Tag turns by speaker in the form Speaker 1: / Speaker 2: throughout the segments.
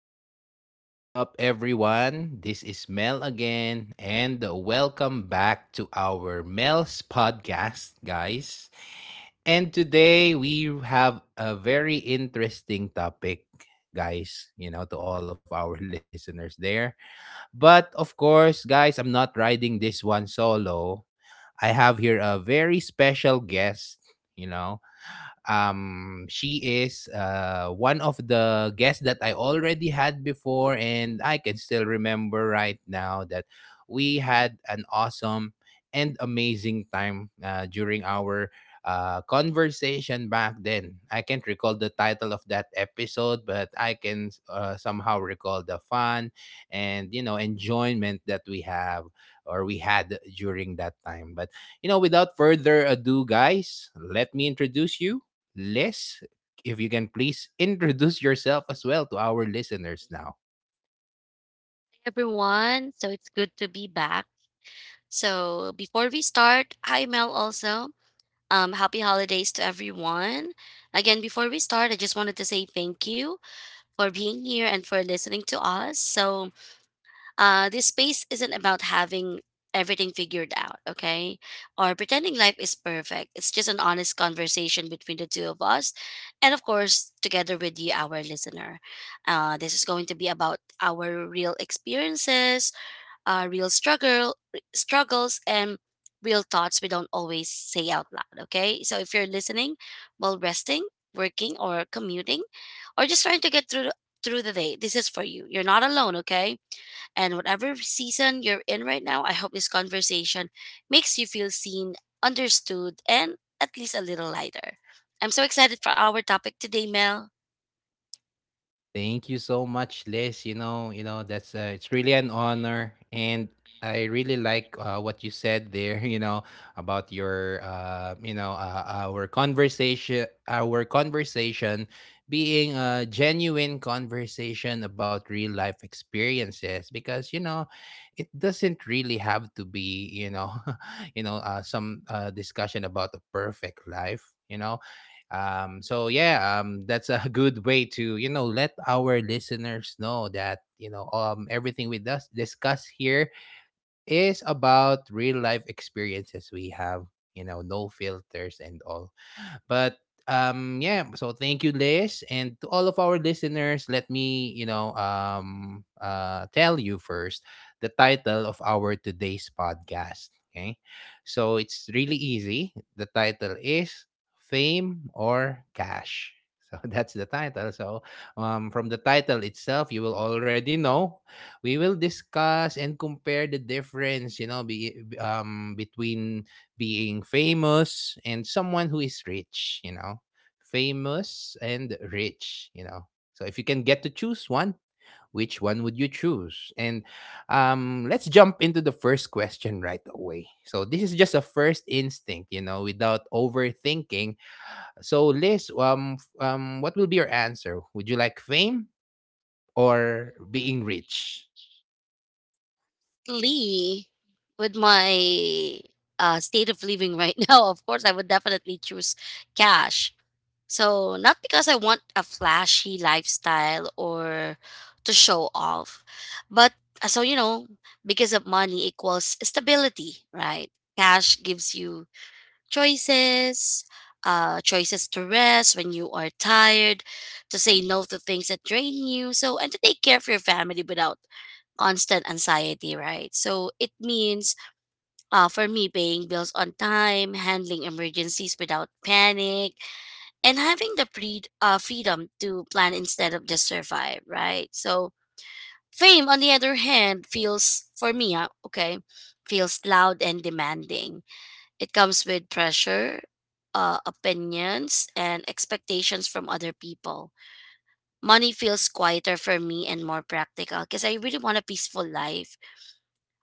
Speaker 1: yo, yo, what's up, everyone? This is Mel again, and welcome back to our Mel's podcast, guys. And today we have a very interesting topic, guys, to all of our listeners there. But of course, guys, I'm not riding this one solo. I have here a very special guest, you know. She is one of the guests that I already had before, and I can still remember right now that we had an awesome and amazing time during our conversation back then. I can't recall the title of that episode, but I can somehow recall the fun and enjoyment that we have or we had during that time. But without further ado, guys, let me introduce you. Liz, if you can please introduce yourself as well to our listeners now.
Speaker 2: Everyone. So it's good to be back. So before we start, hi Mel also. Happy holidays to everyone. Again, before we start, I just wanted to say thank you for being here and for listening to us. So this space isn't about having everything figured out, okay? Or pretending life is perfect. It's just an honest conversation between the two of us. And of course, together with you, our listener. This is going to be about our real experiences, real struggles, and real thoughts we don't always say out loud, okay? So if you're listening while resting, working, or commuting, or just trying to get through through the day, this is for you. You're not alone, okay? And whatever season you're in right now, I hope this conversation makes you feel seen, understood, and at least a little lighter. I'm so excited for our topic today, Mel.
Speaker 1: Thank you so much, Liz. You know that's it's really an honor, and I really like what you said there. You know about your, you know, our conversation being a genuine conversation about real life experiences, because it doesn't really have to be, some discussion about a perfect life. So yeah, that's a good way to let our listeners know that everything we does discuss here is about real life experiences we have. You know, no filters and all. But yeah, so thank you, Liz. And to all of our listeners, let me, tell you first the title of our today's podcast. Okay. So it's really easy. The title is Fame or Cash. So that's the title. So from the title itself, you will already know we will discuss and compare the difference between being famous and someone who is rich, you know. Famous and rich, you know. So if you can get to choose one, which one would you choose? And let's jump into the first question right away. So this is just a first instinct, you know, without overthinking. So Liz, what will be your answer? Would you like fame or being rich?
Speaker 2: Lee, with my state of living right now, of course, I would definitely choose cash. So, not because I want a flashy lifestyle or to show off, but uh, so you know, because of money equals stability, right? Cash gives you choices, choices to rest when you are tired, to say no to things that drain you, so and to take care of your family without constant anxiety, right? So it means, for me, paying bills on time, handling emergencies without panic, and having the freedom to plan instead of just survive, right? So fame, on the other hand, feels for me, feels loud and demanding. It comes with pressure. Opinions and expectations from other people. Money feels quieter for me and more practical because I really want a peaceful life,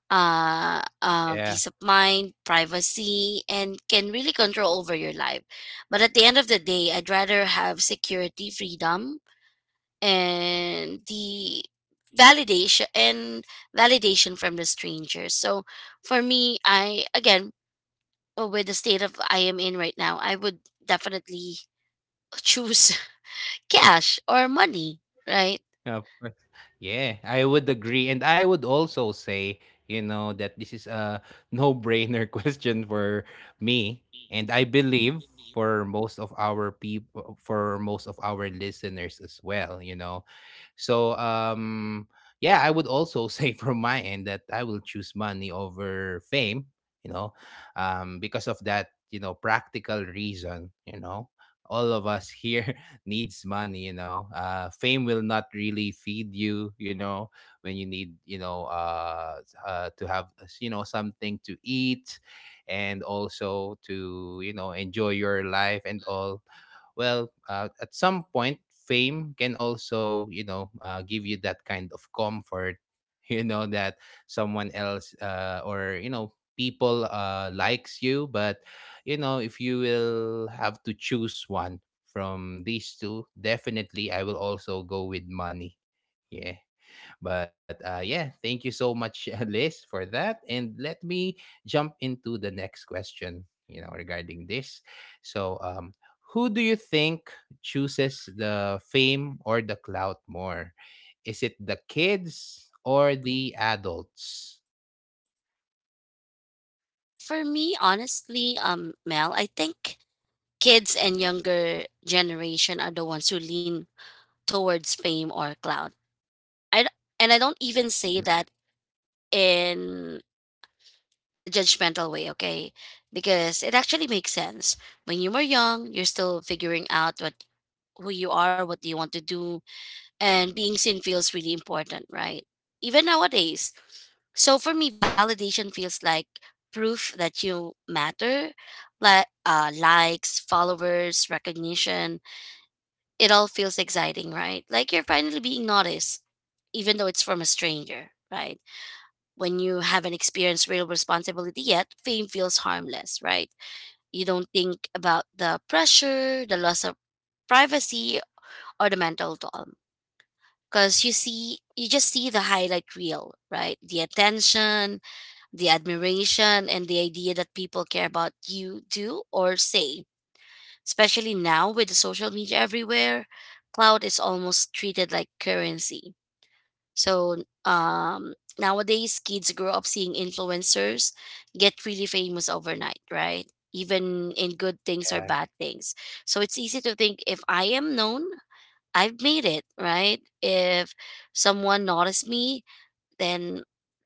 Speaker 1: Yeah.
Speaker 2: peace of mind, privacy, and can really control over your life. But at the end of the day, I'd rather have security, freedom, and the validation and validation from the strangers. So for me, I, again, with the state of I am in right now, I would definitely choose cash or money, right?
Speaker 1: Yeah, of course. Yeah, I would agree. And I would also say, you know, that this is a no-brainer question for me. And I believe for most of our people, for most of our listeners as well, So, um, yeah, I would also say from my end that I will choose money over fame, you know, because of that, you know, practical reason, you know. All of us here needs money, fame will not really feed you, you know when you need, to have something to eat and also to enjoy your life and all. Well, at some point fame can also give you that kind of comfort, you know, that someone else, or you know people, likes you. But you know, if you will have to choose one from these two, definitely I will also go with money. Yeah. But yeah, thank you so much, Liz, for that. And let me jump into the next question, you know, regarding this. So, who do you think chooses the fame or the clout more? Is it the kids or the adults?
Speaker 2: For me, honestly, Mel, I think kids and younger generation are the ones who lean towards fame or clout. I d- and I don't even say that in in a judgmental way, okay? Because it actually makes sense. When you were young, you're still figuring out what who you are, what you want to do, and being seen feels really important, right? Even nowadays. So for me, validation feels like proof that you matter, like, likes, followers, recognition, it all feels exciting, right? Like you're finally being noticed, even though it's from a stranger, right? When you haven't experienced real responsibility yet, fame feels harmless, right? You don't think about the pressure, the loss of privacy, or the mental toll. Because you see, you just see the highlight reel, right? The attention, the admiration, and the idea that people care about you do or say, especially now with the social media everywhere. Cloud is almost treated like currency. So nowadays, kids grow up seeing influencers get really famous overnight, right? Even in good things or
Speaker 1: Yeah.
Speaker 2: bad things. So it's easy to think, if I am known, I've made it, right? If someone noticed me, then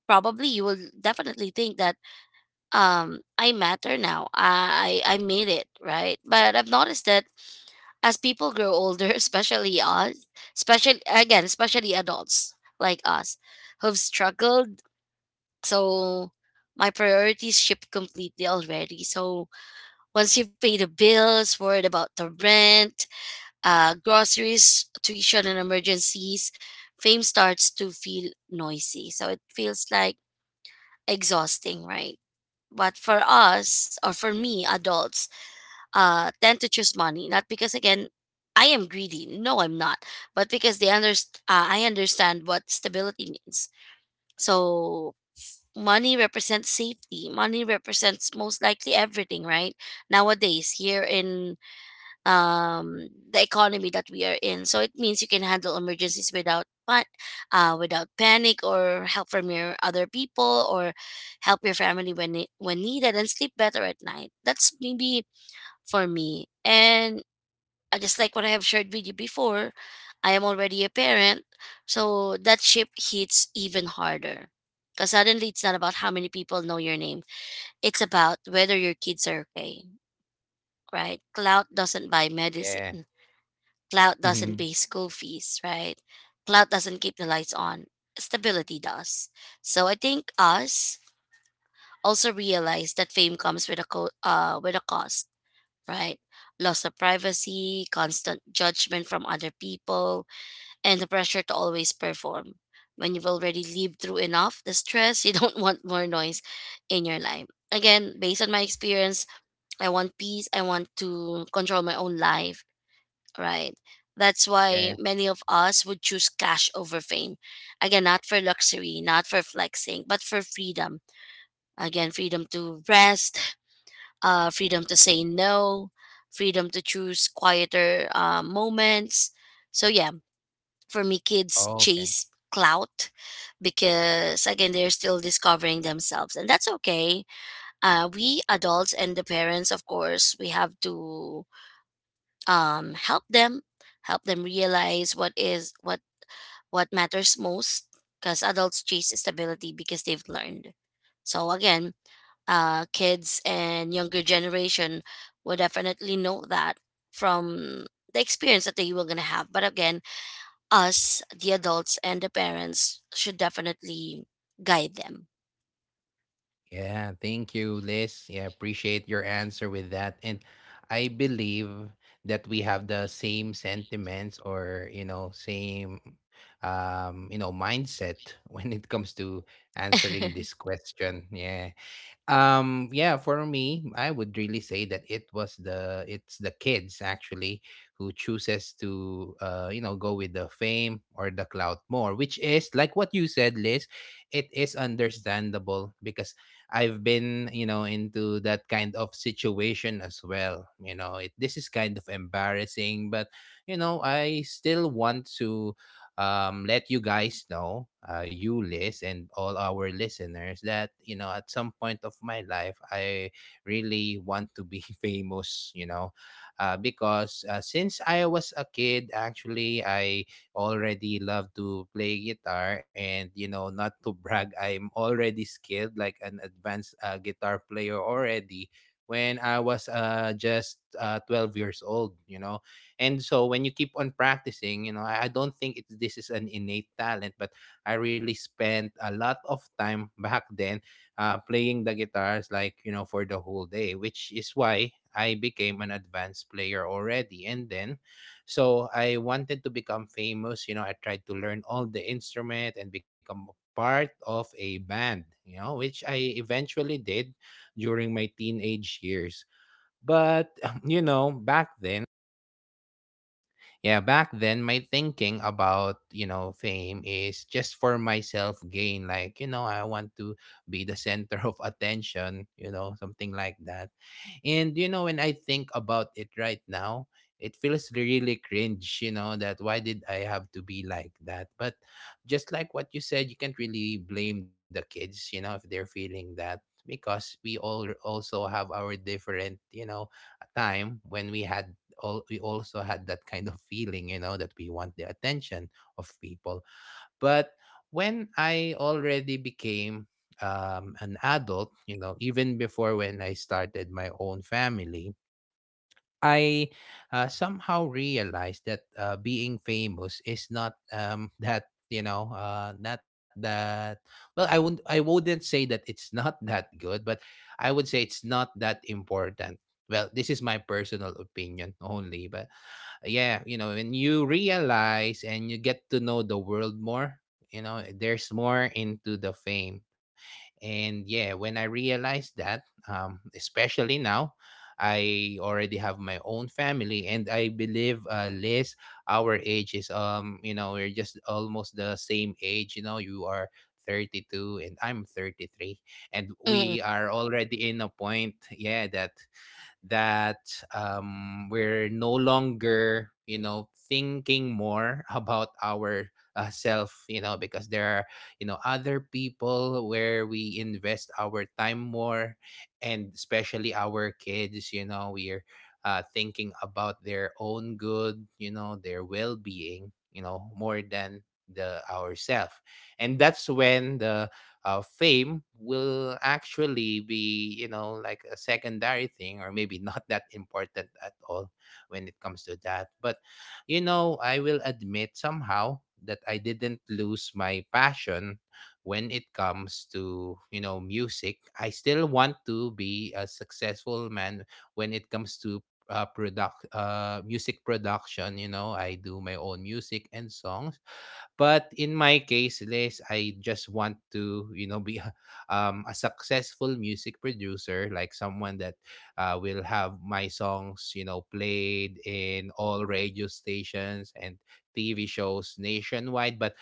Speaker 2: probably you will definitely think that, I matter now. I made it, right? But I've noticed that as people grow older, especially us, especially again, especially adults like us who've struggled, so my priorities shift completely already. So once you've paid the bills, worried about the rent, groceries, tuition, and emergencies, fame starts to feel noisy. So it feels like exhausting, right? But for us, or for me, adults, tend to choose money, not because, again, I am greedy. No, I'm not, but because I understand what stability means. So money represents safety. Money represents most likely everything, right? Nowadays, here in the economy that we are in, so it means you can handle emergencies without without panic, or help from your other people, or help your family when needed, and sleep better at night. That's maybe for me. And just like what I have shared with you before, I am already a parent, so that ship hits even harder. Because suddenly it's not about how many people know your name, it's about whether your kids are okay, right? Cloud doesn't buy
Speaker 1: Yeah.
Speaker 2: medicine, cloud doesn't pay school fees, right? Cloud doesn't keep the lights on, stability does. So I think us also realize that fame comes with with a cost, right? Loss of privacy, constant judgment from other people, and the pressure to always perform. When you've already lived through enough the stress, you don't want more noise in your life. Again, based on my experience, I want peace. I want to control my own life, right? That's why
Speaker 1: Yeah.
Speaker 2: many of us would choose cash over fame. Again, not for luxury, not for flexing, but for freedom. Again, freedom to rest, freedom to say no, freedom to choose quieter moments. So, yeah, for me, kids
Speaker 1: Okay.
Speaker 2: chase clout because, again, they're still discovering themselves, and that's okay. We adults and the parents, of course, we have to help them realize what is what matters most, because adults chase stability because they've learned. So again, kids and younger generation will definitely know that from the experience that they were gonna have. But again, us, the adults and the parents should definitely guide them.
Speaker 1: Yeah, thank you, Liz. Yeah, appreciate your answer with that. And I believe that we have the same sentiments or, you know, same you know, mindset when it comes to answering this question. Yeah. Yeah, for me, I would really say that it's the kids actually who chooses to go with the fame or the clout more, which is like what you said, Liz. It is understandable because I've been, you know, into that kind of situation as well. You know, it this is kind of embarrassing, but you know, I still want to let you guys know, you Liz and all our listeners, that you know at some point of my life I really want to be famous. You know, because since I was a kid, actually I already love to play guitar, and you know, not to brag, I'm already skilled like an advanced guitar player already. When I was just 12 years old, you know, and so when you keep on practicing, you know, I don't think it's this is an innate talent, but I really spent a lot of time back then playing the guitars like, you know, for the whole day, which is why I became an advanced player already. And then, so I wanted to become famous. You know, I tried to learn all the instrument and become part of a band, you know, which I eventually did during my teenage years. But, you know, back then, my thinking about you know fame is just for myself gain, like you know I want to be the center of attention, you know, something like that. And you know, when I think about it right now, it feels really cringe, you know, that why did I have to be like that. But just like what you said, you can't really blame the kids, you know, if they're feeling that, because we all also have our different, you know, time when we had all we also had that kind of feeling, you know, that we want the attention of people. But when I already became an adult, you know, even before when I started my own family, I somehow realized that being famous is not that you know not that, well, I wouldn't say that it's not that good, but I would say it's not that important. Well, this is my personal opinion only, but yeah, you know, when you realize and you get to know the world more, you know, there's more into the fame. And yeah, when I realized that, especially now, I already have my own family, and I believe Liz, our age is you know, we're just almost the same age. You know, you are 32 and I'm 33, and
Speaker 2: Mm,
Speaker 1: we are already in a point, yeah, that that we're no longer you know thinking more about our self, you know, because there are you know other people where we invest our time more, and especially our kids, you know, we're thinking about their own good, you know, their well-being, you know, more than the ourself. And that's when the fame will actually be, you know, like a secondary thing, or maybe not that important at all when it comes to that. But you know, I will admit somehow that I didn't lose my passion when it comes to you know music. I still want to be a successful man when it comes to product music production. You know, I do my own music and songs, but in my case, Liz, I just want to, you know, be a successful music producer, like someone that will have my songs, you know, played in all radio stations and TV shows nationwide. But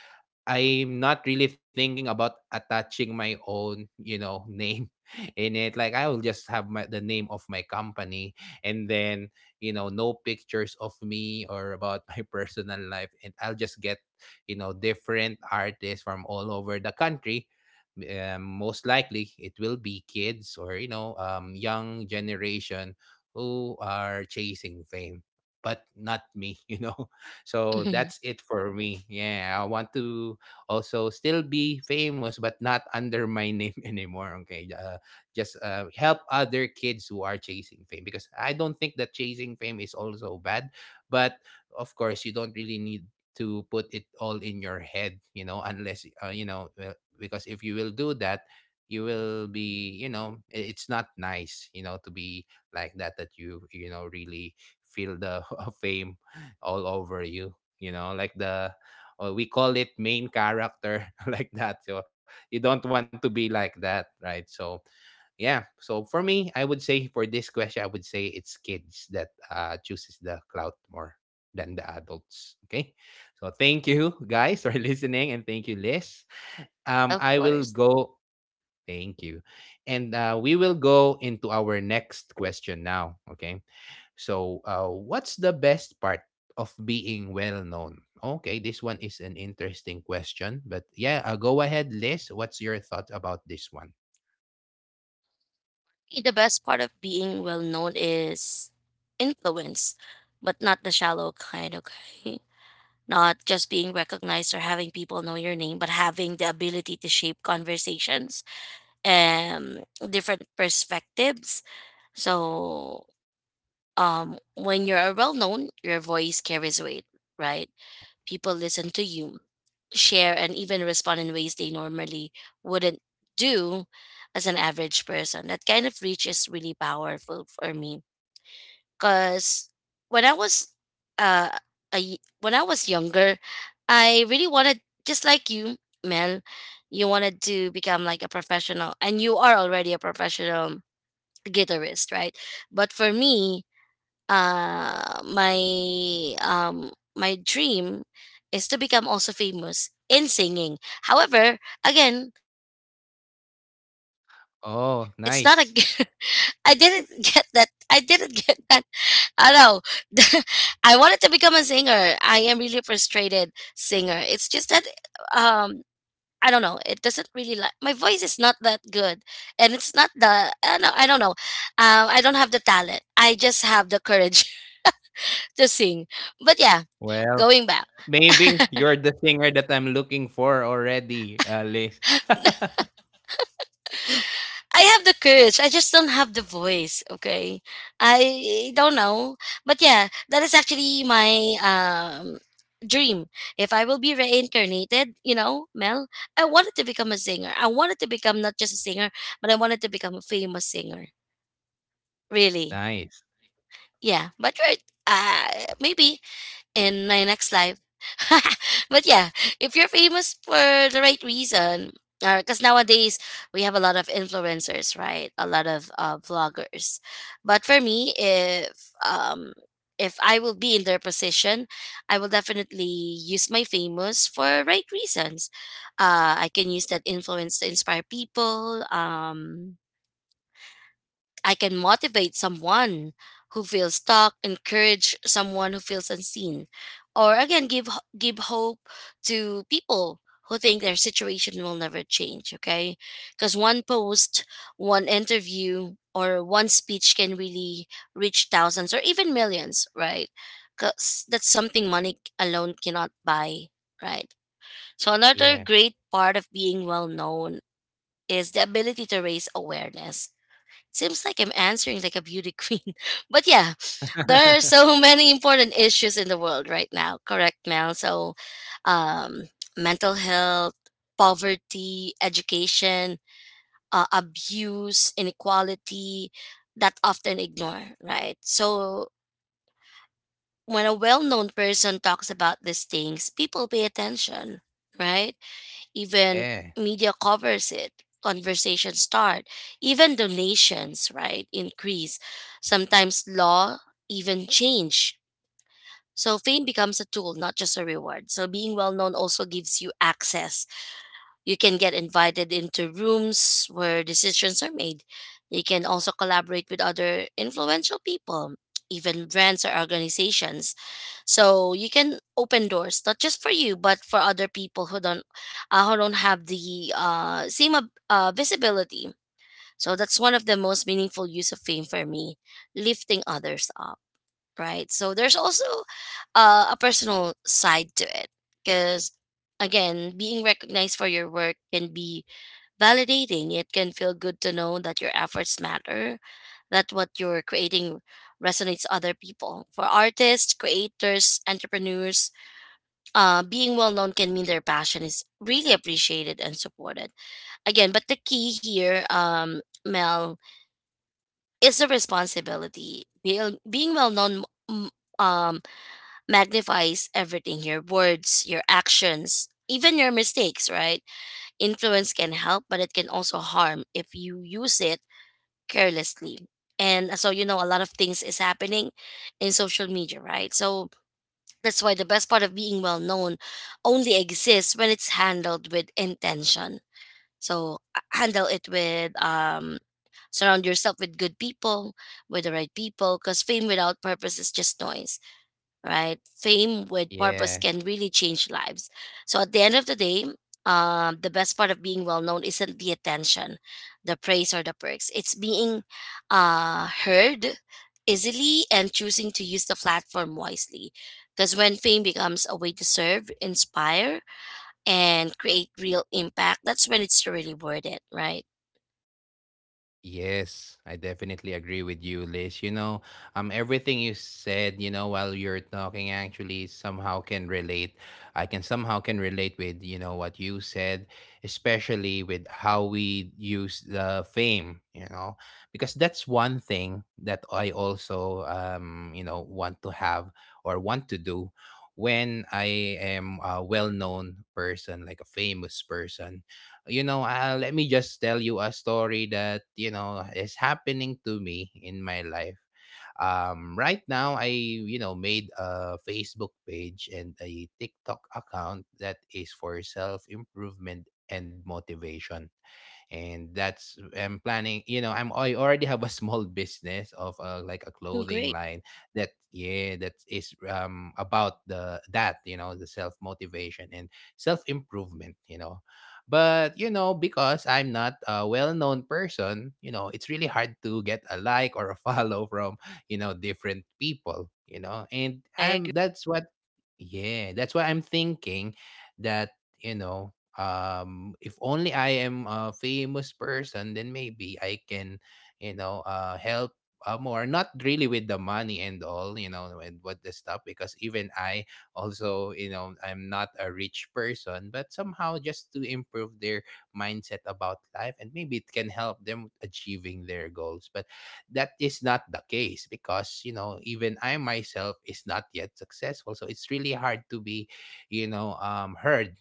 Speaker 1: I'm not really thinking about attaching my own, you know, name in it. Like I will just have the name of my company, and then, you know, no pictures of me or about my personal life. And I'll just get, you know, different artists from all over the country. Most likely it will be kids or, you know, young generation who are chasing fame, but not me, you know. So
Speaker 2: mhm.
Speaker 1: that's it for me. Yeah, I want to also still be famous but not under my name anymore. Okay, just help other kids who are chasing fame, because I don't think that chasing fame is also bad, but of course you don't really need to put it all in your head, you know, because if you will do that you will be, it's not nice, you know, to be like that you, you know really feel the fame all over you, you know, like the or we call it main character, like that. So you don't want to be like that, right? So yeah, so for me, I would say, for this question, I would say it's kids that chooses the clout more than the adults. Okay, so thank you guys for listening, and thank you, Liz.
Speaker 2: Of
Speaker 1: I will
Speaker 2: course.
Speaker 1: go, thank you, and we will go into our next question now. Okay, so, what's the best part of being well known? Okay, this one is an interesting question, but yeah, go ahead, Liz. What's your thought about this one?
Speaker 2: The best part of being well known is influence, but not the shallow kind, okay? Not just being recognized or having people know your name, but having the ability to shape conversations and different perspectives. So, when you're well known, your voice carries weight, right?
Speaker 1: Yeah.
Speaker 2: People listen to you, share, and even respond in ways they normally wouldn't do as an average person. That kind of reach is really powerful for me. Cause when I was uh when I was younger, I really wanted, just like you, Mel. You wanted to become like a professional, and you are already a professional guitarist, right? But for me, my my dream is to become also famous in singing. However, again, it's not a. I didn't get
Speaker 1: Oh,
Speaker 2: that. I
Speaker 1: nice.
Speaker 2: didn't get that, I know. I wanted to become a singer. I am really a frustrated singer. It's just that, um I don't know. It doesn't really, like, my voice is not that good, and it's not the, I don't know. I don't know. I don't have the talent. I just have the courage to sing. But yeah,
Speaker 1: Well,
Speaker 2: going back.
Speaker 1: maybe you're the singer that I'm looking for already, Liz.
Speaker 2: I have the courage. I just don't have the voice. Okay, I don't know, but yeah, that is actually my dream. If I will be reincarnated, you know, Mel, I wanted to become a singer. I wanted to become not just a singer, but I wanted to become a famous singer. Really,
Speaker 1: Nice.
Speaker 2: yeah. But right, maybe in my next life. But yeah, if you're famous for the right reason, because nowadays we have a lot of influencers, right? A lot of vloggers. But for me, um, if I will be in their position, I will definitely use my famous for right reasons. I can use that influence to inspire people. I can motivate someone who feels stuck, encourage someone who feels unseen, or again give hope to people who think their situation will never change, okay? Cuz one post, one interview, or one speech can really reach thousands or even millions, right? Cuz that's something money alone cannot buy, right? So another
Speaker 1: Yeah.
Speaker 2: great part of being well known is the ability to raise awareness. Seems like I'm answering like a beauty queen. But yeah, there are so many important issues in the world right now, correct, Mel? So, um, mental health, poverty, education, abuse, inequality that often ignore, right? So, when a well known person talks about these things, people pay attention, right? Even
Speaker 1: Yeah.
Speaker 2: media covers it, conversations start, even donations, right, increase, sometimes law even change. So fame becomes a tool, not just a reward. So being well known also gives you access. You can get invited into rooms where decisions are made. You can also collaborate with other influential people, even brands or organizations. So you can open doors, not just for you, but for other people who don't have the same visibility. So that's one of the most meaningful use of fame for me, lifting others up, right? So there's also a personal side to it because, again, being recognized for your work can be validating. It can feel good to know that your efforts matter, that what you're creating resonates other people. For artists, creators, entrepreneurs, being well known can mean their passion is really appreciated and supported. Again, but the key here, Mel, is the responsibility. Being well known um, magnifies everything, your words, your actions, even your mistakes, right? Influence can help, but it can also harm if you use it carelessly. And so, a lot of things is happening in social media, right? So that's why the best part of being well known only exists when it's handled with intention. So handle it with, surround yourself with good people, with the right people, because fame without purpose is just noise, right? Fame with purpose
Speaker 1: Yeah.
Speaker 2: can really change lives. So at the end of the day, the best part of being well known isn't the attention, the praise, or the perks. It's being heard easily and choosing to use the platform wisely. Because when fame becomes a way to serve, inspire, and create real impact, that's when it's really worth it, right?
Speaker 1: Yes, I definitely agree with you, Liz. You know, everything you said, you know, while you're talking, actually somehow can relate. I can somehow can relate with you know what you said, especially with how we use the fame. You know, because that's one thing that I also you know want to have or want to do when I am a well-known person, like a famous person, you know. Let me just tell you a story that, you know, is happening to me in my life. Right now, I you know made a Facebook page and a TikTok account that is for self improvement and motivation, and that's I'm planning. You know, I already have a small business of like a
Speaker 2: Mm.
Speaker 1: clothing
Speaker 2: Great.
Speaker 1: line that yeah that is about the that you know the self motivation and self improvement. You know, but you know because I'm not a well known person, you know it's really hard to get a like or a follow from you know different people, you know, and
Speaker 2: I agree.
Speaker 1: I'm that's what. Yeah, that's why I'm thinking that, you know, if only I am a famous person, then maybe I can, you know, help more, not really with the money and all, you know, and what the stuff, because even I also, you know, I'm not a rich person, but somehow just to improve their mindset about life, and maybe it can help them achieving their goals. But that is not the case, because you know even I myself is not yet successful, so it's really hard to be, you know, heard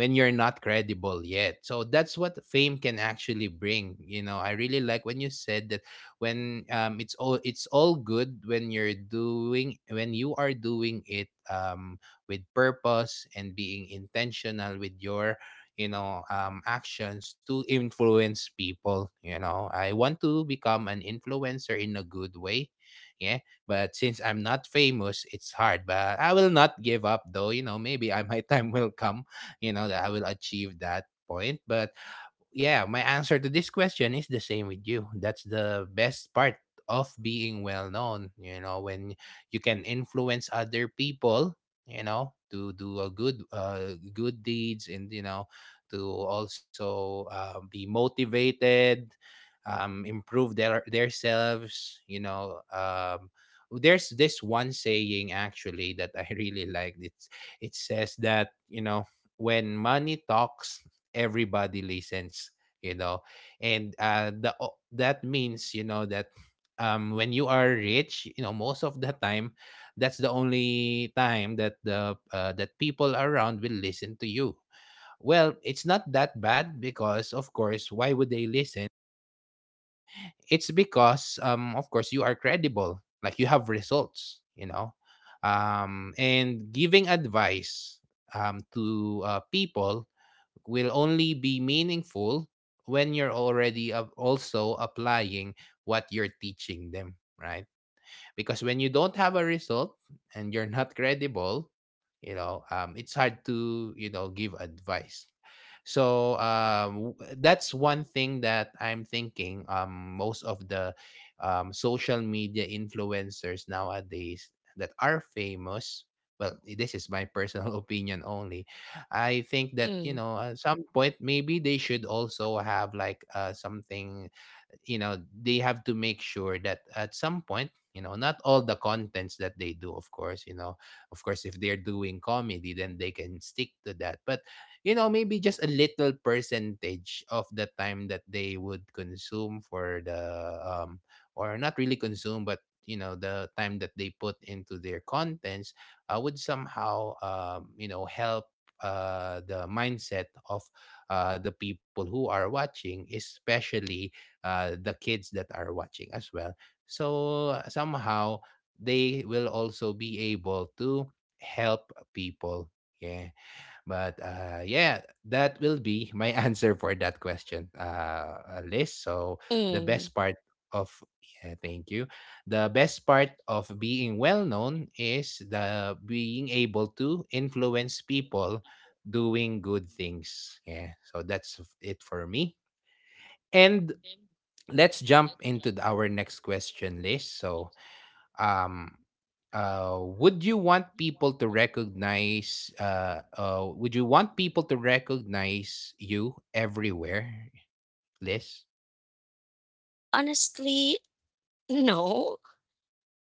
Speaker 1: when you're not credible yet. So that's what fame can actually bring. You know, I really like when you said that, when it's all good, when you are doing it with purpose and being intentional with your, you know, actions to influence people. You know, I want to become an influencer in a good way, yeah, but since I'm not famous, it's hard, but I will not give up, though. You know, maybe my time will come, you know, that I will achieve that point. But yeah, my answer to this question is the same with you. That's the best part of being well known, you know, when you can influence other people, you know, to do a good good deeds, and you know, to also be motivated, improve their themselves. You know, there's this one saying actually that I really liked. It's it says that, you know, when money talks, everybody listens. You know, and that means you know that when you are rich, you know, most of the time, that's the only time that the that people around will listen to you. Well, it's not that bad, because of course, why would they listen? It's because of course you are credible, like you have results, you know, and giving advice to people will only be meaningful when you're already up also applying what you're teaching them, right? Because when you don't have a result and you're not credible, you know, it's hard to, you know, give advice. So that's one thing that I'm thinking. Most of the social media influencers nowadays that are famous. Well, this is my personal opinion only. I think that you
Speaker 2: Mm.
Speaker 1: know at some point maybe they should also have like something, you know, they have to make sure that at some point, you know, not all the contents that they do of course, you know, of course if they're doing comedy then they can stick to that, but you know maybe just a little percentage of the time that they would consume for the or not really consume, but you know the time that they put into their contents would somehow you know help the mindset of the people who are watching, especially the kids that are watching as well. So somehow they will also be able to help people. Yeah, but yeah, that will be my answer for that question, Liz. So the
Speaker 2: Mm.
Speaker 1: best part of, yeah, thank you. The best part of being well known is the being able to influence people doing good things. Yeah, so that's it for me. And let's jump into our next question list. So, um, would you want people to recognize? Would you want people to recognize you everywhere, Liz?
Speaker 2: Honestly, no,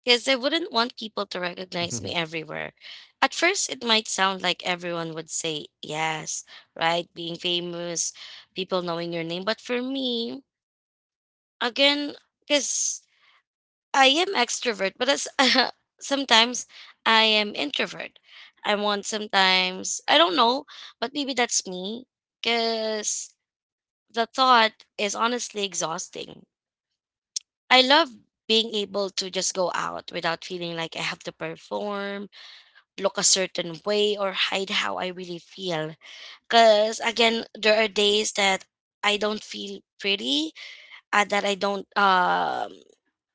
Speaker 2: because I wouldn't want people to recognize me everywhere. At first, it might sound like everyone would say yes, right? Being famous, people knowing your name. But for me, again, because I am extrovert, but as, sometimes I am introvert. I want sometimes, I don't know, but maybe that's me because the thought is honestly exhausting. I love being able to just go out without feeling like I have to perform, look a certain way, or hide how I really feel. Because again, there are days that I don't feel pretty, that I don't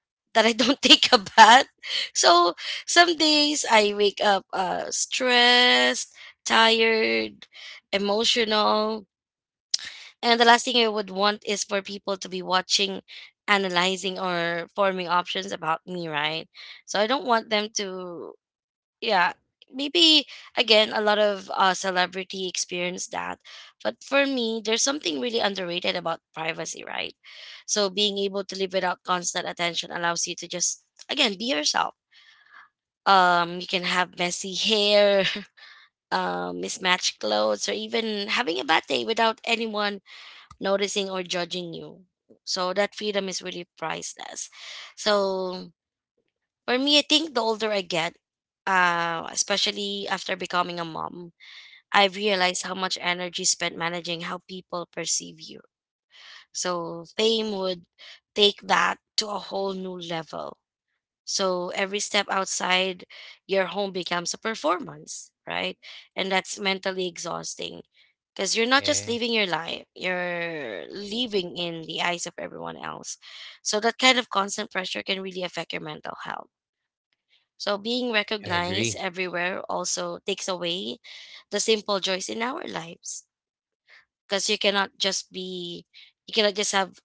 Speaker 2: that I don't take a bath. So some days I wake up stressed, tired, emotional, and the last thing I would want is for people to be watching, analyzing, or forming options about me, right? So I don't want them to, yeah, maybe again, a lot of celebrity experience, that but for me there's something really underrated about privacy, right? So being able to live without constant attention allows you to just again be yourself. You can have messy hair, mismatched clothes, or even having a bad day without anyone noticing or judging you. So that freedom is really priceless. So for me, I think the older I get, especially after becoming a mom, I've realized how much energy spent managing how people perceive you. So fame would take that to a whole new level. So every step outside your home becomes a performance, right? And that's mentally exhausting because you're not just
Speaker 1: Yeah,
Speaker 2: living your life, you're living in the eyes of everyone else. So that kind of constant pressure can really affect your mental health. So being
Speaker 1: I
Speaker 2: recognized
Speaker 1: agree.
Speaker 2: everywhere also takes away the simple joys in our lives, because you cannot just be, you cannot just have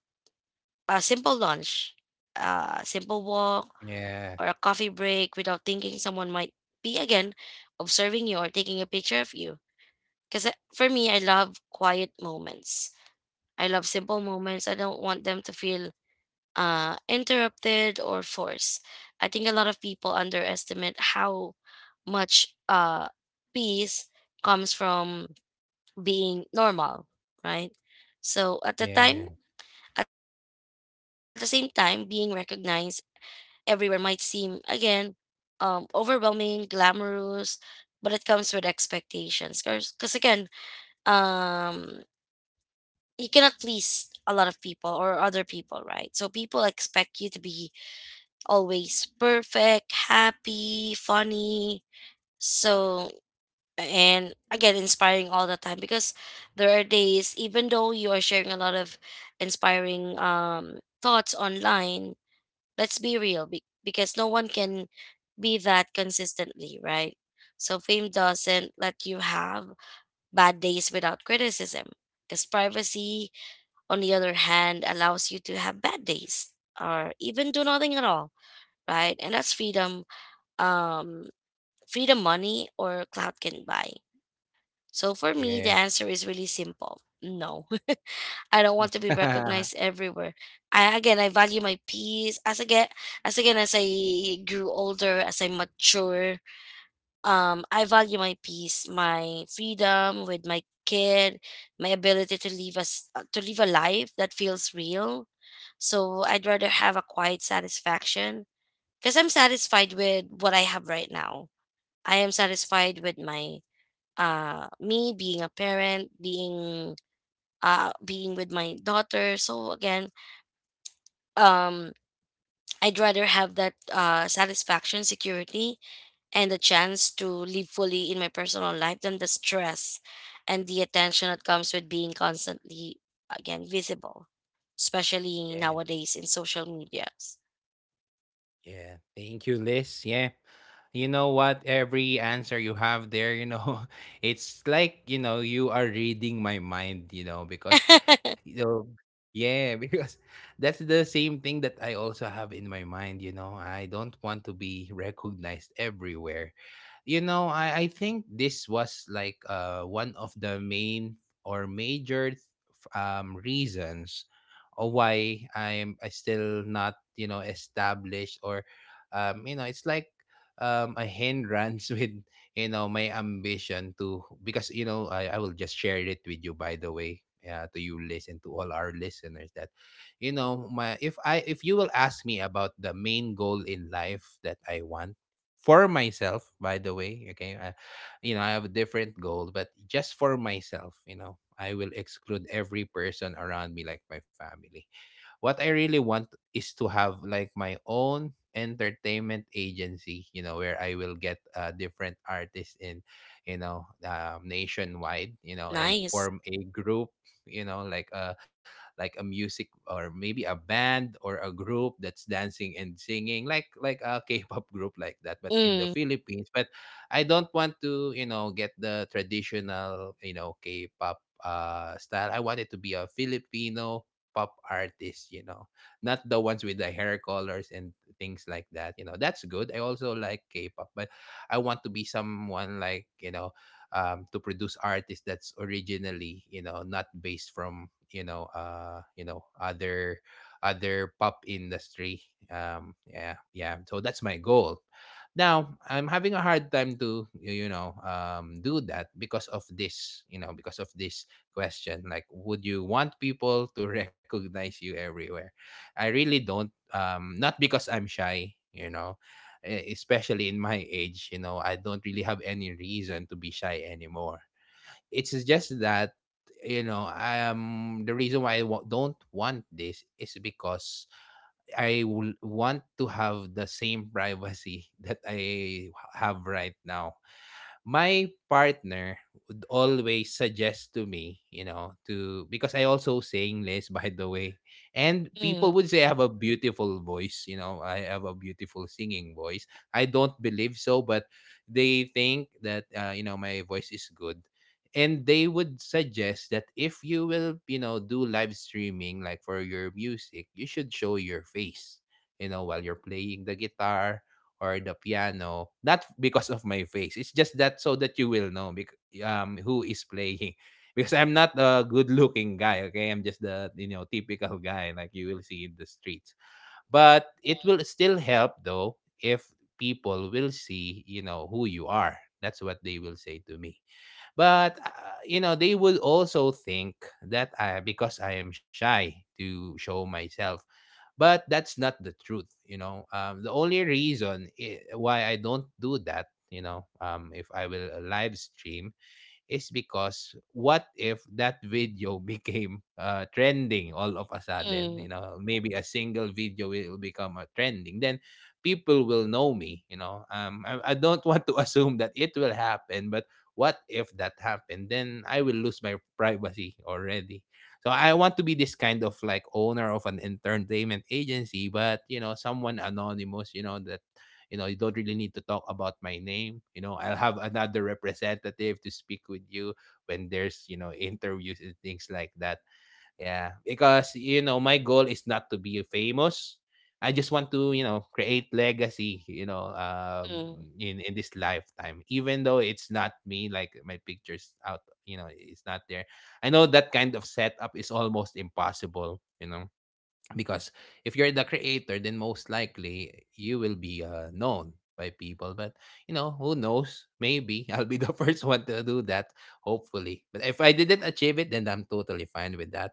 Speaker 2: a simple lunch, a simple walk,
Speaker 1: Yeah,
Speaker 2: or a coffee break without thinking someone might be again observing you or taking a picture of you. Cuz for me, I love quiet moments. I love simple moments. I don't want them to feel interrupted or forced. I think a lot of people underestimate how much peace comes from being normal, right? So at the
Speaker 1: yeah,
Speaker 2: time, at the same time, being recognized everywhere might seem again overwhelming, glamorous, but it comes with expectations. Because again, um, you cannot please a lot of people or other people, right? So people expect you to be always perfect, happy, funny. So, and again, inspiring all the time, because there are days, even though you are sharing a lot of inspiring thoughts online, let's be real, because no one can be that consistently, right? So fame doesn't let you have bad days without criticism, because privacy, on the other hand, allows you to have bad days or even do nothing at all, right? And that's freedom, um, freedom money or clout can buy? So for me, the
Speaker 1: yeah,
Speaker 2: answer is really simple. No, I don't want to be recognized everywhere. I, again, I value my peace. As I get, as again, as I grew older, as I mature, I value my peace, my freedom with my kid, my ability to live us to live a life that feels real. So I'd rather have a quiet satisfaction, because I'm satisfied with what I have right now. I am satisfied with my me being a parent, being being with my daughter. So again, um I'd rather have that satisfaction, security, and the chance to live fully in my personal life than the stress and the attention that comes with being constantly again visible, especially
Speaker 1: yeah.
Speaker 2: nowadays in social medias.
Speaker 1: Yeah, thank you, Liz. Yeah. You know what? Every answer you have there, you know, it's like, you know, you are reading my mind, you know, because, you know, yeah, because that's the same thing that I also have in my mind, you know. I don't want to be recognized everywhere. You know, I think this was like one of the main or major th- reasons or why I still not you know established or you know it's like a hindrance with you know my ambition to, because you know I will just share it with you by the way, yeah, to you listen to all our listeners that you know my if I, if you will ask me about the main goal in life that I want for myself by the way, okay, I, you know I have a different goal, but just for myself, you know, I will exclude every person around me like my family. What I really want is to have like my own entertainment agency, you know, where I will get different artists in, you know, nationwide, you know, and
Speaker 2: Nice.
Speaker 1: form a group, you know, like a music or maybe a band or a group that's dancing and singing, like a K-pop group like that, but in the
Speaker 2: Mm.
Speaker 1: Philippines. But I don't want to, you know, get the traditional, you know, K-pop style. I want it to be a Filipino pop artists, you know, not the ones with the hair colors and things like that. You know, that's good. I also like K-pop, but I want to be someone like you know, to produce artists that's originally you know not based from you know other pop industry. Yeah, yeah. So that's my goal. Now, I'm having a hard time to, you know, do that because of this, you know, because of this question, like would you want people to recognize you everywhere. I really don't, not because I'm shy, you know, especially in my age, you know, I don't really have any reason to be shy anymore. It's just that, you know, the reason why don't want this is because I will want to have the same privacy that I have right now. My partner would always suggest to me, you know, to because I also sing less by the way. And people
Speaker 2: Mm.
Speaker 1: would say I have a beautiful voice, you know, I have a beautiful singing voice. I don't believe so, but they think that you know, my voice is good. And they would suggest that if you will, you know, do live streaming like for your music, you should show your face, you know, while you're playing the guitar or the piano, not because of my face, it's just that so that you will know who is playing, because I'm not a good looking guy. Okay, I'm just the, you know, typical guy like you will see in the streets, but it will still help though if people will see, you know, who you are, that's what they will say to me. But you know, they would also think that I because I am shy to show myself. But that's not the truth, you know. The only reason why I don't do that, you know, if I will live stream, is because what if that video became trending all of a sudden? You
Speaker 2: Mm.
Speaker 1: know, maybe a single video will become a trending. Then people will know me. You know, I don't want to assume that it will happen, but what if that happened? Then I will lose my privacy already. So I want to be this kind of like owner of an entertainment agency, but someone anonymous, you don't really need to talk about my name. I'll have another representative to speak with you when there's interviews and things like that. Yeah, because my goal is not to be famous. I just want to create legacy
Speaker 2: Mm.
Speaker 1: in this lifetime, even though it's not me, like my pictures out, it's not there. I know that kind of setup is almost impossible. Because if you're the creator, then most likely you will be known by people, but who knows, maybe I'll be the first one to do that, hopefully. But if I didn't achieve it, then I'm totally fine with that.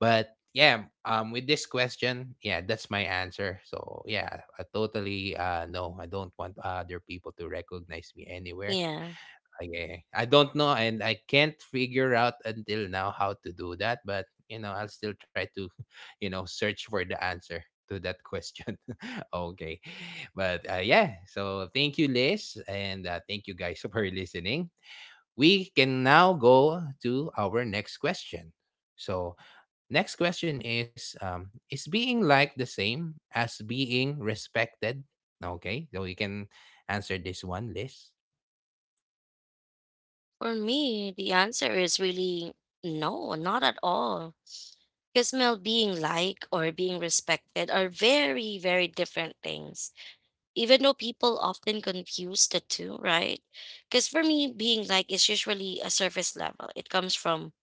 Speaker 1: But yeah, with this question, yeah, that's my answer. So yeah, I totally, no, I don't want other people to recognize me anywhere.
Speaker 2: Yeah.
Speaker 1: Okay, I don't know, and I can't figure out until now how to do that, but I'll still try to, search for the answer to that question. Okay. But yeah, so thank you, Liz, and thank you guys for listening. We can now go to our next question. So, next question is, is being like the same as being respected? Okay. So, you can answer this one, Liz.
Speaker 2: For me, the answer is really no, not at all. Because, Mel, being liked or being respected are very, very different things. Even though people often confuse the two, right? Because for me, being liked is usually a surface level. It comes from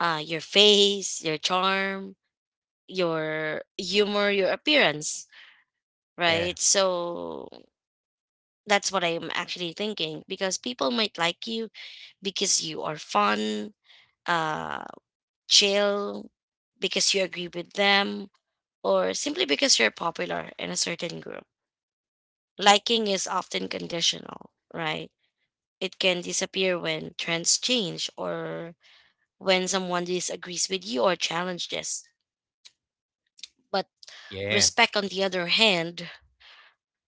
Speaker 2: your face, your charm, your humor, your appearance, right?
Speaker 1: Yeah.
Speaker 2: So that's what I'm actually thinking. Because people might like you because you are fun, uh chill, because you agree with them, or simply because you're popular in a certain group. Liking is often conditional, right? It can disappear when trends change or when someone disagrees with you or challenges. But respect,
Speaker 1: Yeah.
Speaker 2: on the other hand,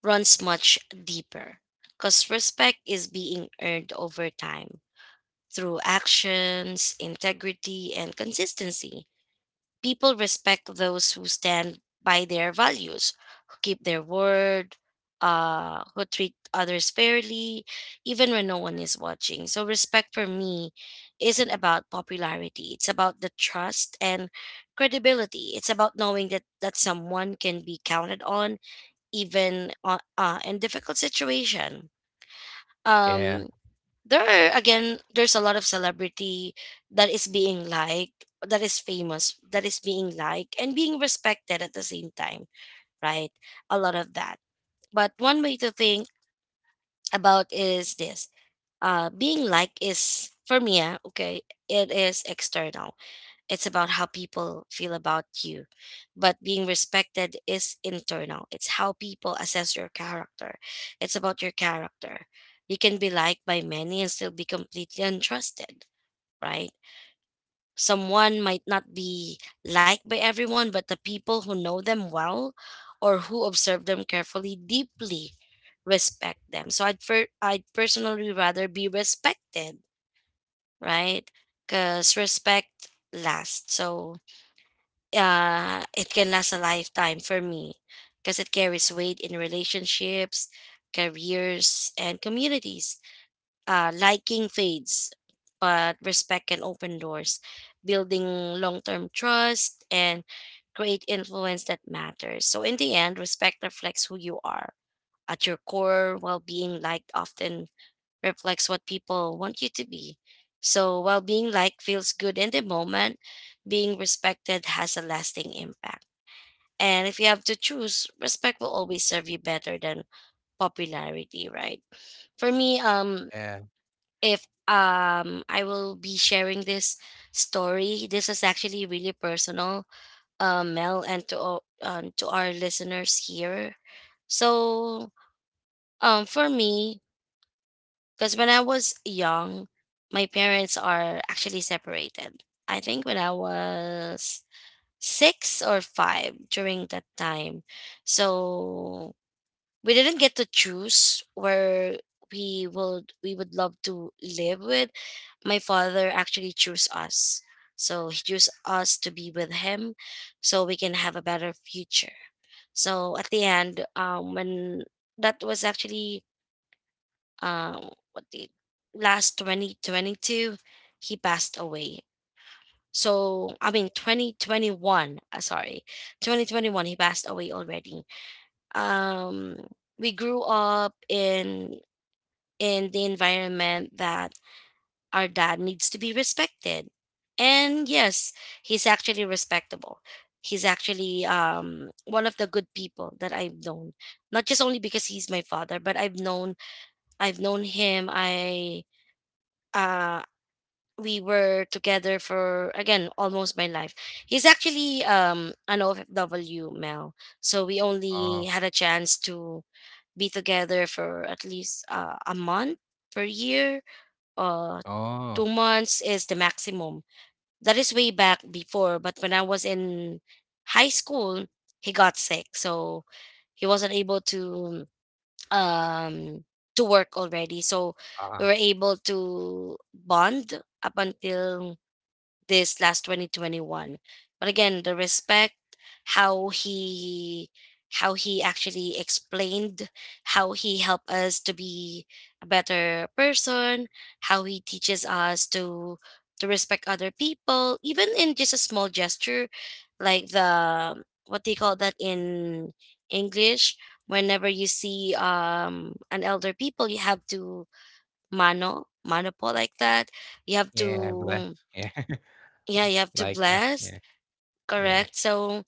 Speaker 2: runs much deeper, because respect is being earned over time through actions, integrity, and consistency. People respect those who stand by their values, who keep their word, who treat others fairly, even when no one is watching. So respect for me isn't about popularity, it's about the trust and credibility. It's about knowing that someone can be counted on, even in difficult situation. Um,
Speaker 1: Yeah,
Speaker 2: there are, again, there's a lot of celebrity that is being liked, that is famous, that is being liked and being respected at the same time, right? A lot of that. But one way to think about is this: being liked is for me, okay, it is external, it's about how people feel about you. But being respected is internal. It's how people assess your character. It's about your character. You can be liked by many and still be completely untrusted, right? Someone might not be liked by everyone, but the people who know them well or who observe them carefully deeply respect them. So I'd personally rather be respected, right? Cuz respect lasts. So it can last a lifetime for me, because it carries weight in relationships, careers, and communities. Liking fades, but respect can open doors, building long term trust and create influence that matters. So in the end, respect reflects who you are at your core, while being liked often reflects what people want you to be. So while being liked feels good in the moment, being respected has a lasting impact. And if you have to choose, respect will always serve you better than popularity, right? For me,
Speaker 1: yeah.
Speaker 2: if I will be sharing this story, this is actually really personal, Mel, and to to our listeners here. So, for me, because when I was young, my parents are actually separated. I think when I was six or five during that time. So we didn't get to choose where we would love to live with. My father actually chose us. So he chose us to be with him so we can have a better future. So at the end, when that was actually, uh, what date? Last 2022, he passed away. So, I mean, 2021, sorry, 2021, he passed away already. Um, we grew up in the environment that our dad needs to be respected. And yes, he's actually respectable. He's actually one of the good people that I've known. Not just only because he's my father, but I've known him. I uh we were together for, again, almost my life. He's actually an OFW male, so we only had a
Speaker 1: Oh,
Speaker 2: chance to be together for at least a month per year. Uh, two
Speaker 1: oh.
Speaker 2: months is the maximum. That is way back before, but when I was in high school, he got sick, so he wasn't able um to work already. So we were
Speaker 1: Ah.
Speaker 2: able to bond up until this last 2021, but again the respect, how he how he actually explained, how he helped us to be a better person, how he teaches us to respect other people, even in just a small gesture, like the, what do you call that in English? Whenever you see an elder people, you have to mano mano po, like that. You have
Speaker 1: Yeah,
Speaker 2: to,
Speaker 1: bless. Yeah.
Speaker 2: yeah, you have to
Speaker 1: Like,
Speaker 2: blast.
Speaker 1: yeah. Yeah,
Speaker 2: Correct. So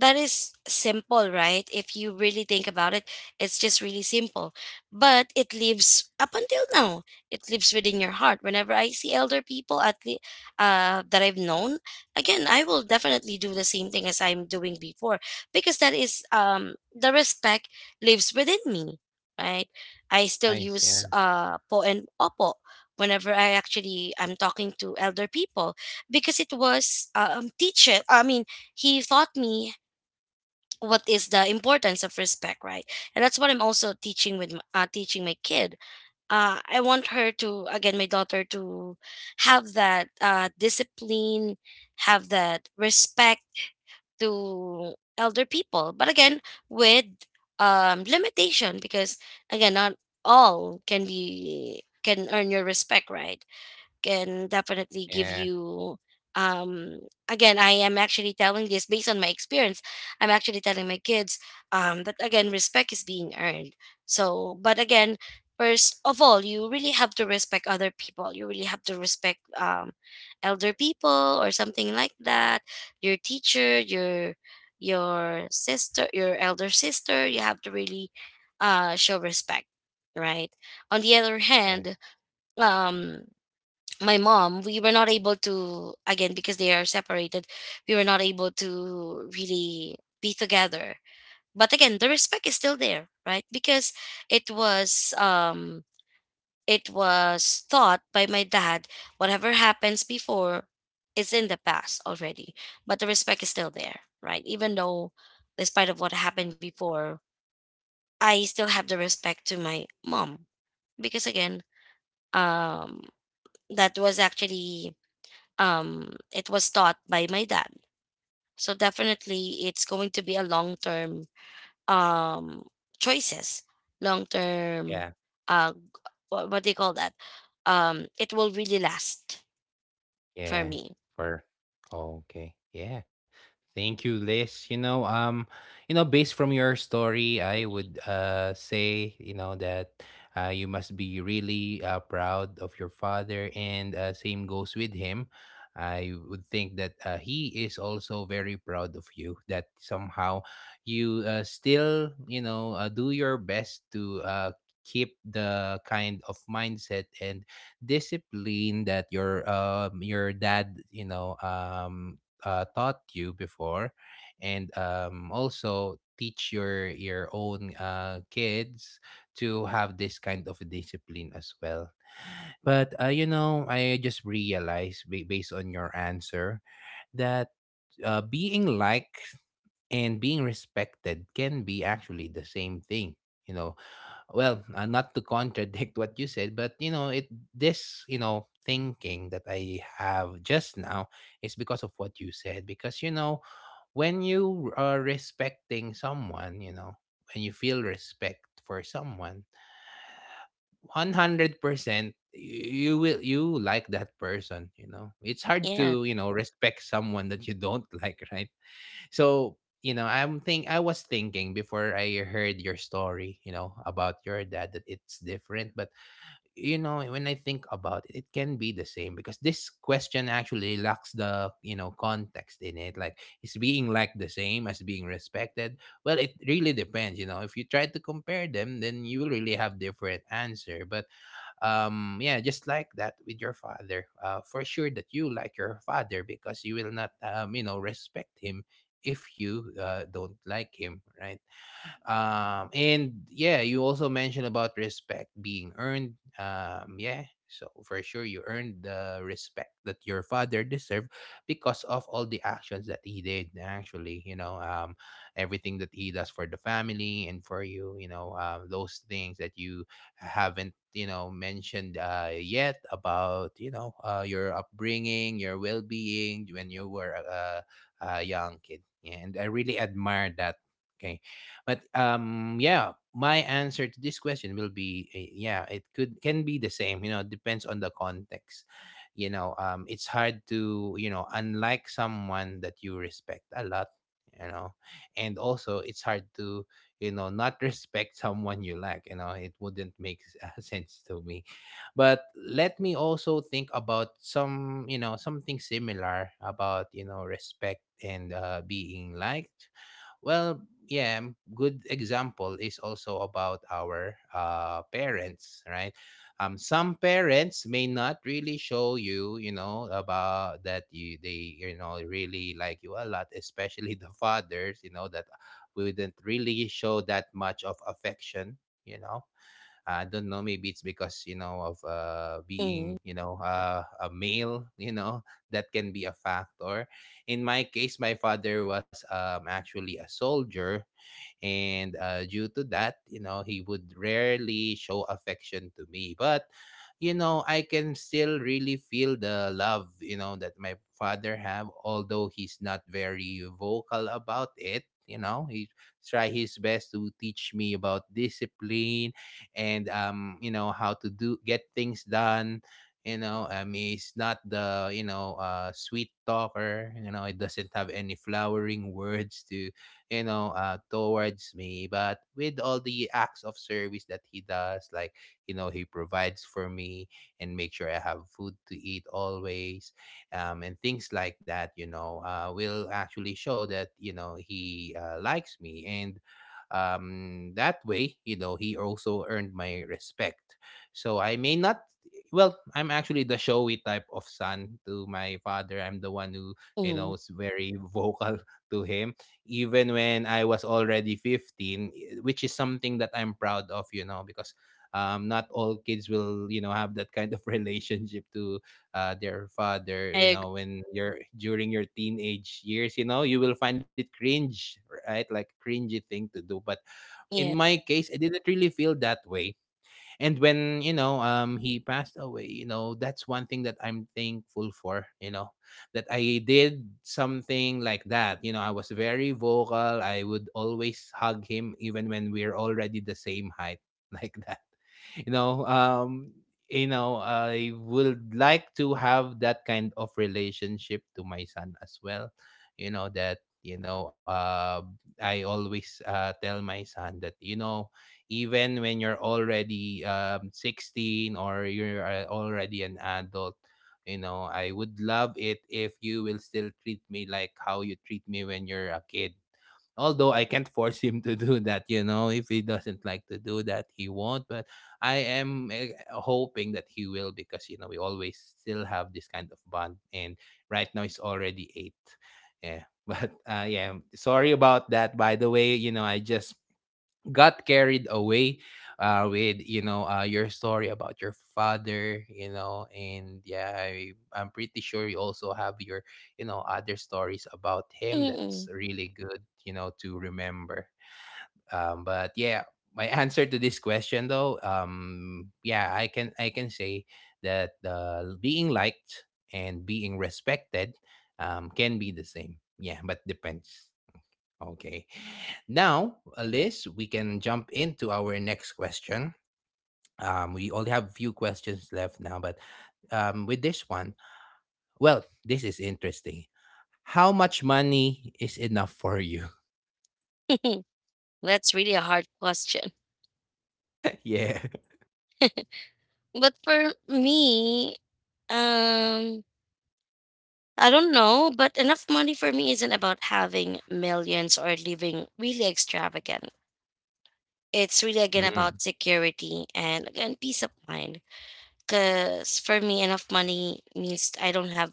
Speaker 2: that is simple, right? If you really think about it, it's just really simple. But it lives up until now. It lives within your heart. Whenever I see elder people at the that I've known, again, I will definitely do the same thing as I'm doing before because that is the respect lives within me, right? I still
Speaker 1: nice.
Speaker 2: use
Speaker 1: Yeah.
Speaker 2: po and opo whenever I actually am talking to elder people because it was teacher. He taught me what is the importance of respect, right? And that's what I'm also teaching with teaching my kid. I want her to, again, my daughter, to have that discipline, have that respect to elder people, but again with limitation, because again, not all can be can earn your respect, right? Can definitely give
Speaker 1: Yeah,
Speaker 2: you um again, I am actually telling this based on my experience. I'm actually telling my kids that, again, respect is being earned. So, but again, first of all, you really have to respect other people. You really have to respect elder people or something like that, your teacher, your sister, your elder sister. You have to really show respect, right? On the other hand,
Speaker 1: yeah,
Speaker 2: um my mom, we were not able to, again, because they are separated, we were not able to really be together. But again, the respect is still there, right? Because it was um it was thought by my dad. Whatever happens before is in the past already, but the respect is still there, right? Even though, despite of what happened before, I still have the respect to my mom because, again, um that was actually it was taught by my dad. So definitely it's going to be a long term, um choices, long term.
Speaker 1: yeah.
Speaker 2: uh g- what do you call that? It will really last, for
Speaker 1: Yeah,
Speaker 2: me.
Speaker 1: for, oh, okay. Yeah. Thank you, Liz. Based from your story, I would, say, that you must be really, proud of your father, and same goes with him. I would think that, he is also very proud of you, that somehow you, still, do your best to, keep the kind of mindset and discipline that your dad, taught you before, and, also teach your own, kids to have this kind of discipline as well. But, I just realized, based on your answer, that, being liked and being respected can be actually the same thing you know well, not to contradict what you said, but it this, thinking that I have just now, is because of what you said. Because when you are respecting someone, when you feel respect for someone, 100% you like that person. It's hard
Speaker 2: Yeah.
Speaker 1: to, respect someone that you don't like, right? So, I was thinking, before I heard your story, about your dad, that it's different. But when I think about it, it can be the same, because this question actually lacks the, context in it. Like is being like the same as being respected? Well, it really depends, If you try to compare them, then you will really have different answer. But, yeah, just like that with your father, for sure that you like your father, because you will not, respect him if you, don't like him, right? And yeah, you also mentioned about respect being earned. Yeah, so for sure you earned the respect that your father deserved, because of all the actions that he did. Actually, everything that he does for the family and for you, those things that you haven't mentioned, yet, about, your upbringing, your well-being when you were a, young kid. Yeah, and I really admire that. Okay, but, yeah, my answer to this question will be, yeah, it could can be the same. You know, depends on the context. You know, it's hard to, unlike someone that you respect a lot. You know, and also it's hard to, not respect someone you like. You know, it wouldn't make sense to me. But let me also think about some, something similar about, respect and, being liked. Well, yeah, good example is also about our, parents, right? Some parents may not really show you, about that you they, really like you a lot, especially the fathers, that wouldn't really show that much of affection. you know I don't know. Maybe it's because, of, being,
Speaker 2: mm,
Speaker 1: a male. You know, that can be a factor. In my case, my father was, actually a soldier, and, due to that, he would rarely show affection to me, but I can still really feel the love, that my father have, although he's not very vocal about it. He try his best to teach me about discipline, and, how to do get things done. You know, he's not the, sweet talker, it doesn't have any flowering words towards me. But with all the acts of service that he does, like, he provides for me and make sure I have food to eat always, and things like that, will actually show that, he, likes me. And, that way, he also earned my respect. So I may not, well, I'm actually the showy type of son to my father. I'm the one who,
Speaker 2: mm,
Speaker 1: is very vocal to him, even when I was already 15, which is something that I'm proud of, because, not all kids will, have that kind of relationship to, their father,
Speaker 2: I agree.
Speaker 1: when you're during your teenage years, you will find it cringe, right? Like, cringy thing to do. But in
Speaker 2: Yeah.
Speaker 1: my case, I didn't really feel that way. And when, he passed away, that's one thing that I'm thankful for, that I did something like that. I was very vocal, I would always hug him, even when we're already the same height, like that. you know um I would like to have that kind of relationship to my son as well. That, I always, tell my son that, even when you're already, 16, or you're, already an adult, I would love it if you will still treat me like how you treat me when you're a kid. Although I can't force him to do that, if he doesn't like to do that, he won't. But I am, hoping that he will, because we always still have this kind of bond, and right now it's already 8. Yeah, but, yeah, sorry about that by the way, I just got carried away, with, your story about your father. You know, and yeah, I'm pretty sure you also have your, other stories about him
Speaker 2: Mm,
Speaker 1: that's really good, to remember. But yeah, my answer to this question though, yeah, I can say that, being liked and being respected, can be the same, yeah, but depends. Okay. Now, Liz, we can jump into our next question. We only have few questions left now, but, with this one, well, this is interesting. How much money is enough for you?
Speaker 2: mm. That's really a hard question.
Speaker 1: Yeah.
Speaker 2: But for me, um I don't know, but enough money for me isn't about having millions or living really extravagant. It's really, again,
Speaker 1: Mm.
Speaker 2: about security and, again, peace of mind. Because for me, enough money means I don't have,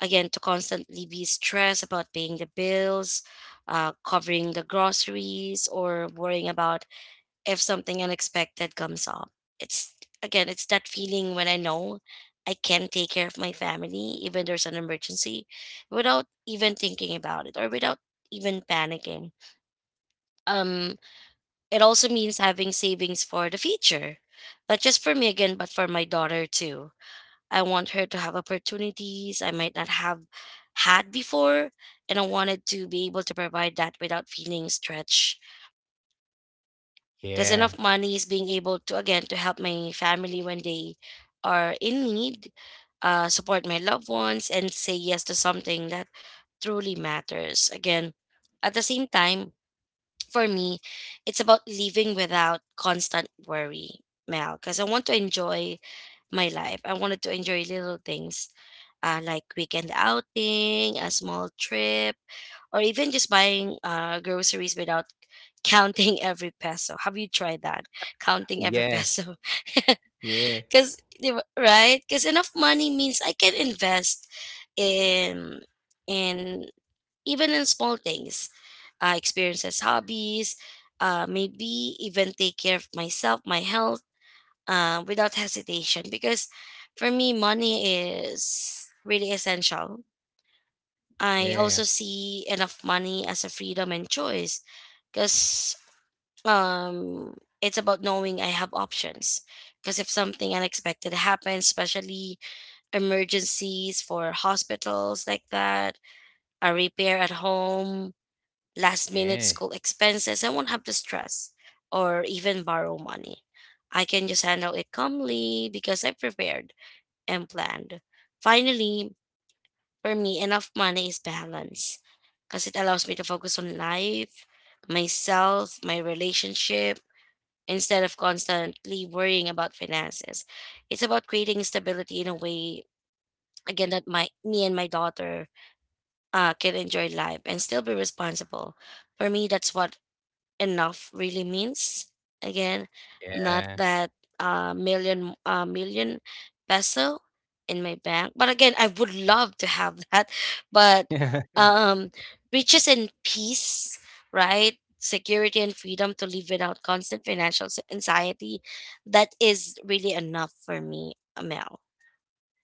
Speaker 2: again, to constantly be stressed about paying the bills, covering the groceries, or worrying about if something unexpected comes up. It's, again, it's that feeling when I know I can take care of my family even there's an emergency without even thinking about it or without even panicking. um it also means having savings for the future, not just for me, again, but for my daughter too. I want her to have opportunities I might not have had before, and I wanted to be able to provide that without feeling stretched. Because
Speaker 1: Yeah.
Speaker 2: enough money is being able to, again, to help my family when they are in need, support my loved ones, and say yes to something that truly matters. Again, at the same time, for me, it's about living without constant worry, Mel, because I want to enjoy my life. I wanted to enjoy little things, like weekend outing, a small trip, or even just buying groceries without counting every peso. Have you tried that? Counting every
Speaker 1: Yeah.
Speaker 2: peso.
Speaker 1: Yeah.
Speaker 2: Because, right? Because enough money means I can invest in in even in small things, experiences, hobbies, maybe even take care of myself, my health, without hesitation. Because for me, money is really essential. I also
Speaker 1: Yeah.
Speaker 2: see enough money as a freedom and choice because um, it's about knowing I have options. Because if something unexpected happens, especially emergencies for hospitals like that, a repair at home, last
Speaker 1: Yeah.
Speaker 2: minute school expenses, I won't have to stress or even borrow money. I can just handle it calmly because I prepared and planned. Finally, for me, enough money is balance because it allows me to focus on life, myself, my relationship, instead of constantly worrying about finances. It's about creating stability in a way, again, that my me and my daughter can enjoy life and still be responsible. For me, that's what enough really means. Again, not that million peso in my bank, but again, I would love to have that. But
Speaker 1: Yeah.
Speaker 2: um, riches and peace, right? Security and freedom to live without constant financial anxiety. That is really enough for me, Mel.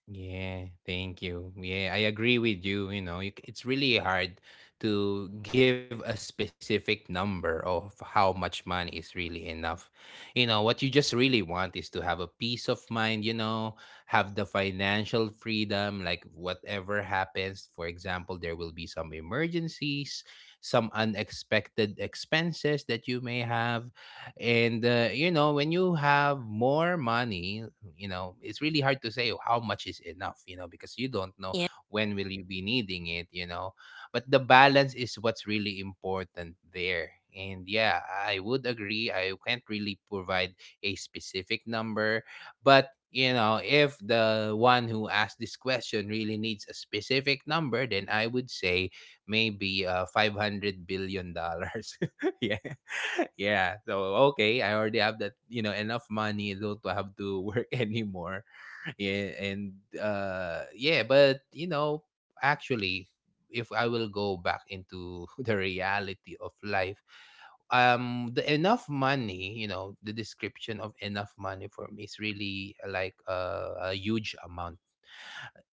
Speaker 1: Yeah, thank you. Yeah, I agree with you. You know, it's really hard to give a specific number of how much money is really enough. You know, what you just really want is to have a peace of mind, have the financial freedom, like whatever happens. For example, there will be some emergencies, some unexpected expenses that you may have. And, when you have more money, it's really hard to say how much is enough, because you don't know
Speaker 2: Yeah.
Speaker 1: when will you be needing it. But the balance is what's really important there. And yeah, I would agree. I can't really provide a specific number, but, if the one who asked this question really needs a specific number, then I would say maybe, $500 billion. Yeah, yeah. So okay, I already have that, enough money. Don't have to work anymore. Yeah, and yeah, but actually, if I will go back into the reality of life, the enough money, you know, the description of enough money for me is really like a huge amount.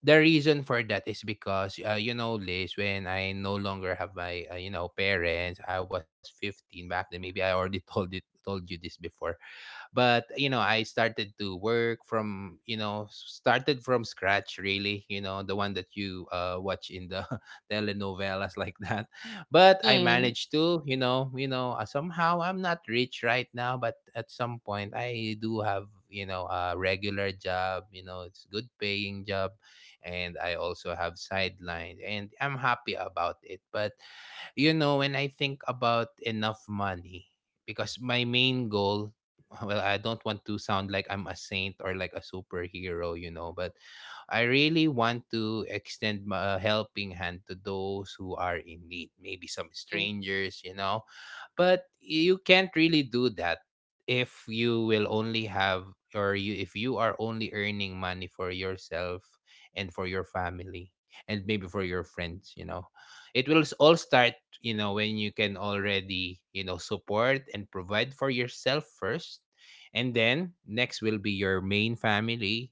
Speaker 1: The reason for that is because you know, Liz, when I no longer have my you know, parents, I was 15 back then. Maybe I already told you this before. But you know, I started to work from, you know, started from scratch, really. You know, the one that you watch in the telenovelas, like that. But I
Speaker 2: Mm,
Speaker 1: managed to, you know, somehow, I'm not rich right now, but at some point I do have, you know, a regular job. You know, it's good paying job. And I also have sideline and I'm happy about it. But you know, when I think about enough money, because my main goal, well, I don't want to sound like I'm a saint or like a superhero, you know, but I really want to extend a helping hand to those who are in need, maybe some
Speaker 2: mm,
Speaker 1: strangers, you know. But you can't really do that if you will only have, or you if you are only earning money for yourself, and for your family, and maybe for your friends, you know. It will all start, you know, when you can already, you know, support and provide for yourself first. And then next will be your main family,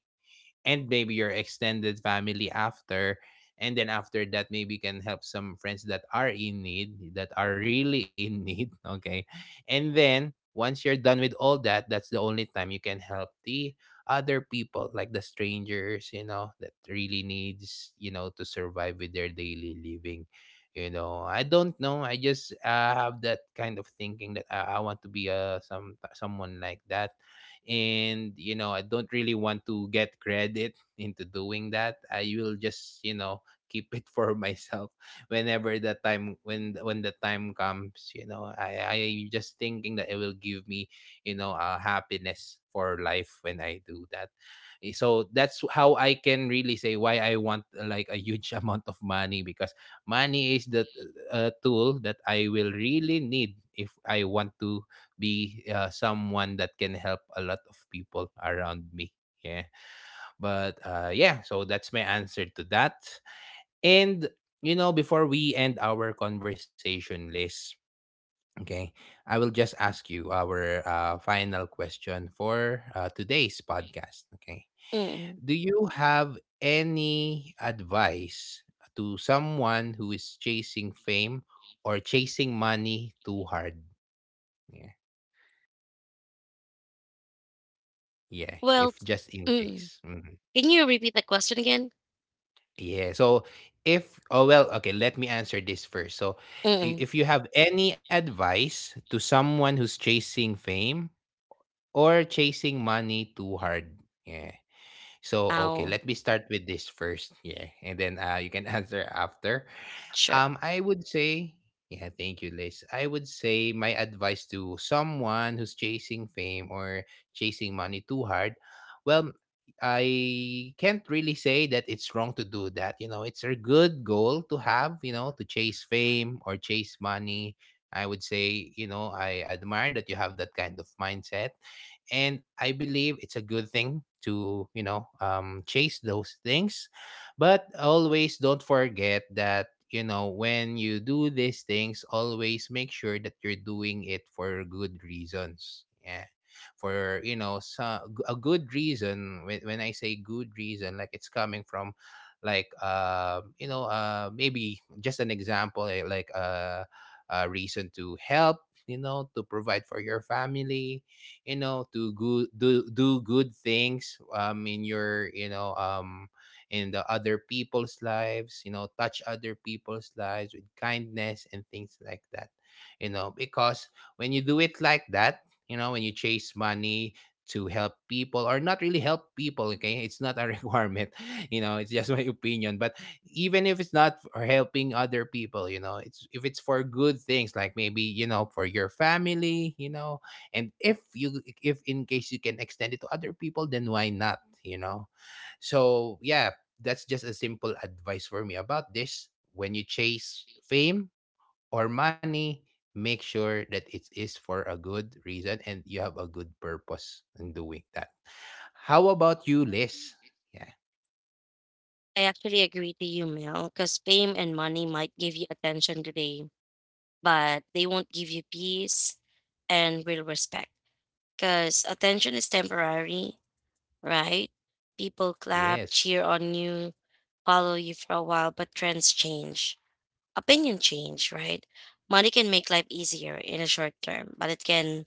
Speaker 1: and maybe your extended family after, and then after that maybe you can help some friends that are in need, that are really in need. Okay, and then once you're done with all that, that's the only time you can help the other people, like the strangers, you know, that really needs, you know, to survive with their daily living. You know, I don't know, I just have that kind of thinking that I want to be someone like that. And you know, I don't really want to get credit into doing that. I will just, you know, keep it for myself whenever the time, when the time comes. You know, i just thinking that it will give me, you know, happiness for life when I do that. Eh, so that's how I can really say why I want, like a huge amount of money, because money is the tool that I will really need if I want to be someone that can help a lot of people around me. Yeah. But yeah, so that's my answer to that. And, you know, before we end our conversation, Liz, okay, I will just ask you our final question for today's podcast. Okay.
Speaker 2: mm.
Speaker 1: Do you have any advice to someone who is chasing fame or chasing money too hard? Yeah. Yeah.
Speaker 2: Well,
Speaker 1: If just in
Speaker 2: mm.
Speaker 1: case. Mm-hmm.
Speaker 2: Can you repeat the question again?
Speaker 1: Yeah. So if, oh well, okay, let me answer this first. So
Speaker 2: Mm.
Speaker 1: if you have any advice to someone who's chasing fame or chasing money too hard. Yeah. So, okay,
Speaker 2: Oh,
Speaker 1: let me start with this first. Yeah. And then you can answer after.
Speaker 2: sure.
Speaker 1: I would say, yeah, thank you, Liz. I would say my advice to someone who's chasing fame or chasing money too hard. Well, I can't really say that it's wrong to do that. You know, it's a good goal to have, you know, to chase fame or chase money. I would say, you know, I admire that you have that kind of mindset, and I believe it's a good thing to, you know, chase those things. But always don't forget that, you know, when you do these things, always make sure that you're doing it for good reasons. Yeah, for, you know, so, a good reason. When I say good reason, like it's coming from, like you know, maybe just an example, eh, like a reason to help, you know, to provide for your family, you know, to go, do good things, um, in your, you know, um, in the other people's lives, you know, touch other people's lives with kindness and things like that, you know, because when you do it like that, you know, when you chase money to help people, or not really help people, okay, it's not a requirement, you know. It's just my opinion. But even if it's not for helping other people, you know, it's, if it's for good things, like maybe, you know, for your family, you know. And if you, if in case you can extend it to other people, then why not, you know. So yeah, that's just a simple advice for me about this. When you chase fame or money, make sure that it is for a good reason and you have a good purpose in doing that. How about you, Liz? Yeah.
Speaker 2: I actually agree to you, Mel, because fame and money might give you attention today, but they won't give you peace and real respect. Because attention is temporary, right? People clap,
Speaker 1: Yes.
Speaker 2: cheer on you, follow you for a while, but trends change. Opinion change, right? Money can make life easier in a short term, but it can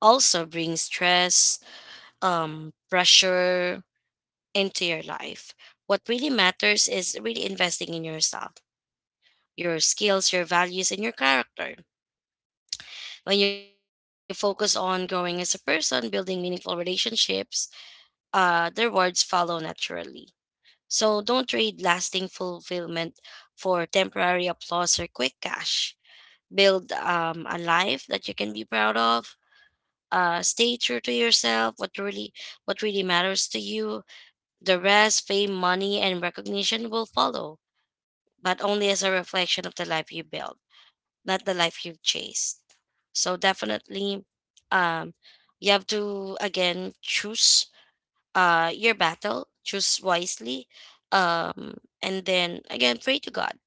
Speaker 2: also bring stress, pressure into your life. What really matters is really investing in yourself, your skills, your values, and your character. When you focus on growing as a person, building meaningful relationships, the rewards follow naturally. So don't trade lasting fulfillment for temporary applause or quick cash. Build a life that you can be proud of. Stay true to yourself. What really matters to you. The rest, fame, money, and recognition will follow, but only as a reflection of the life you build, not the life you've chased. So definitely, um, you have to, again, choose your battle, choose wisely, um, and then, again, pray to God.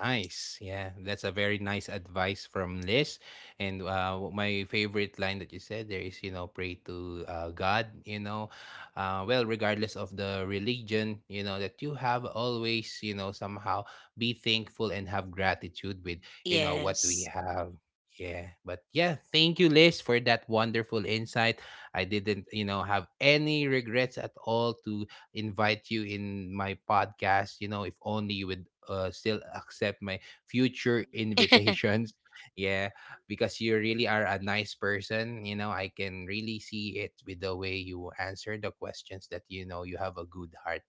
Speaker 1: Nice. Yeah, that's a very nice advice from Liz. And my favorite line that you said there is, you know, pray to God, you know. Well, regardless of the religion, you know, that you have, always, you know, somehow be thankful and have gratitude with, you know, what we
Speaker 2: Yes.
Speaker 1: have. Yeah. But yeah, thank you, Liz, for that wonderful insight. I didn't, you know, have any regrets at all to invite you in my podcast. You know, if only you would still accept my future invitations. Yeah, because you really are a nice person. You know, I can really see it with the way you answer the questions, that you know you have a good heart.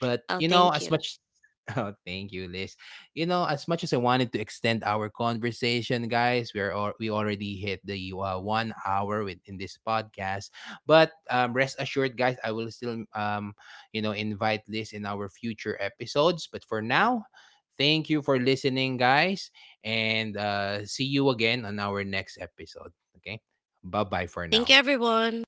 Speaker 1: But,
Speaker 2: Oh,
Speaker 1: you know,
Speaker 2: thank
Speaker 1: as
Speaker 2: you.
Speaker 1: much. Oh, thank you, Liz. You know, as much as I wanted to extend our conversation, guys, we already hit the one hour within this podcast. But rest assured, guys, I will still you know, invite Liz in our future episodes. But for now, thank you for listening, guys, and see you again on our next episode. Okay, bye bye for
Speaker 2: Thank you,
Speaker 1: now.
Speaker 2: everyone.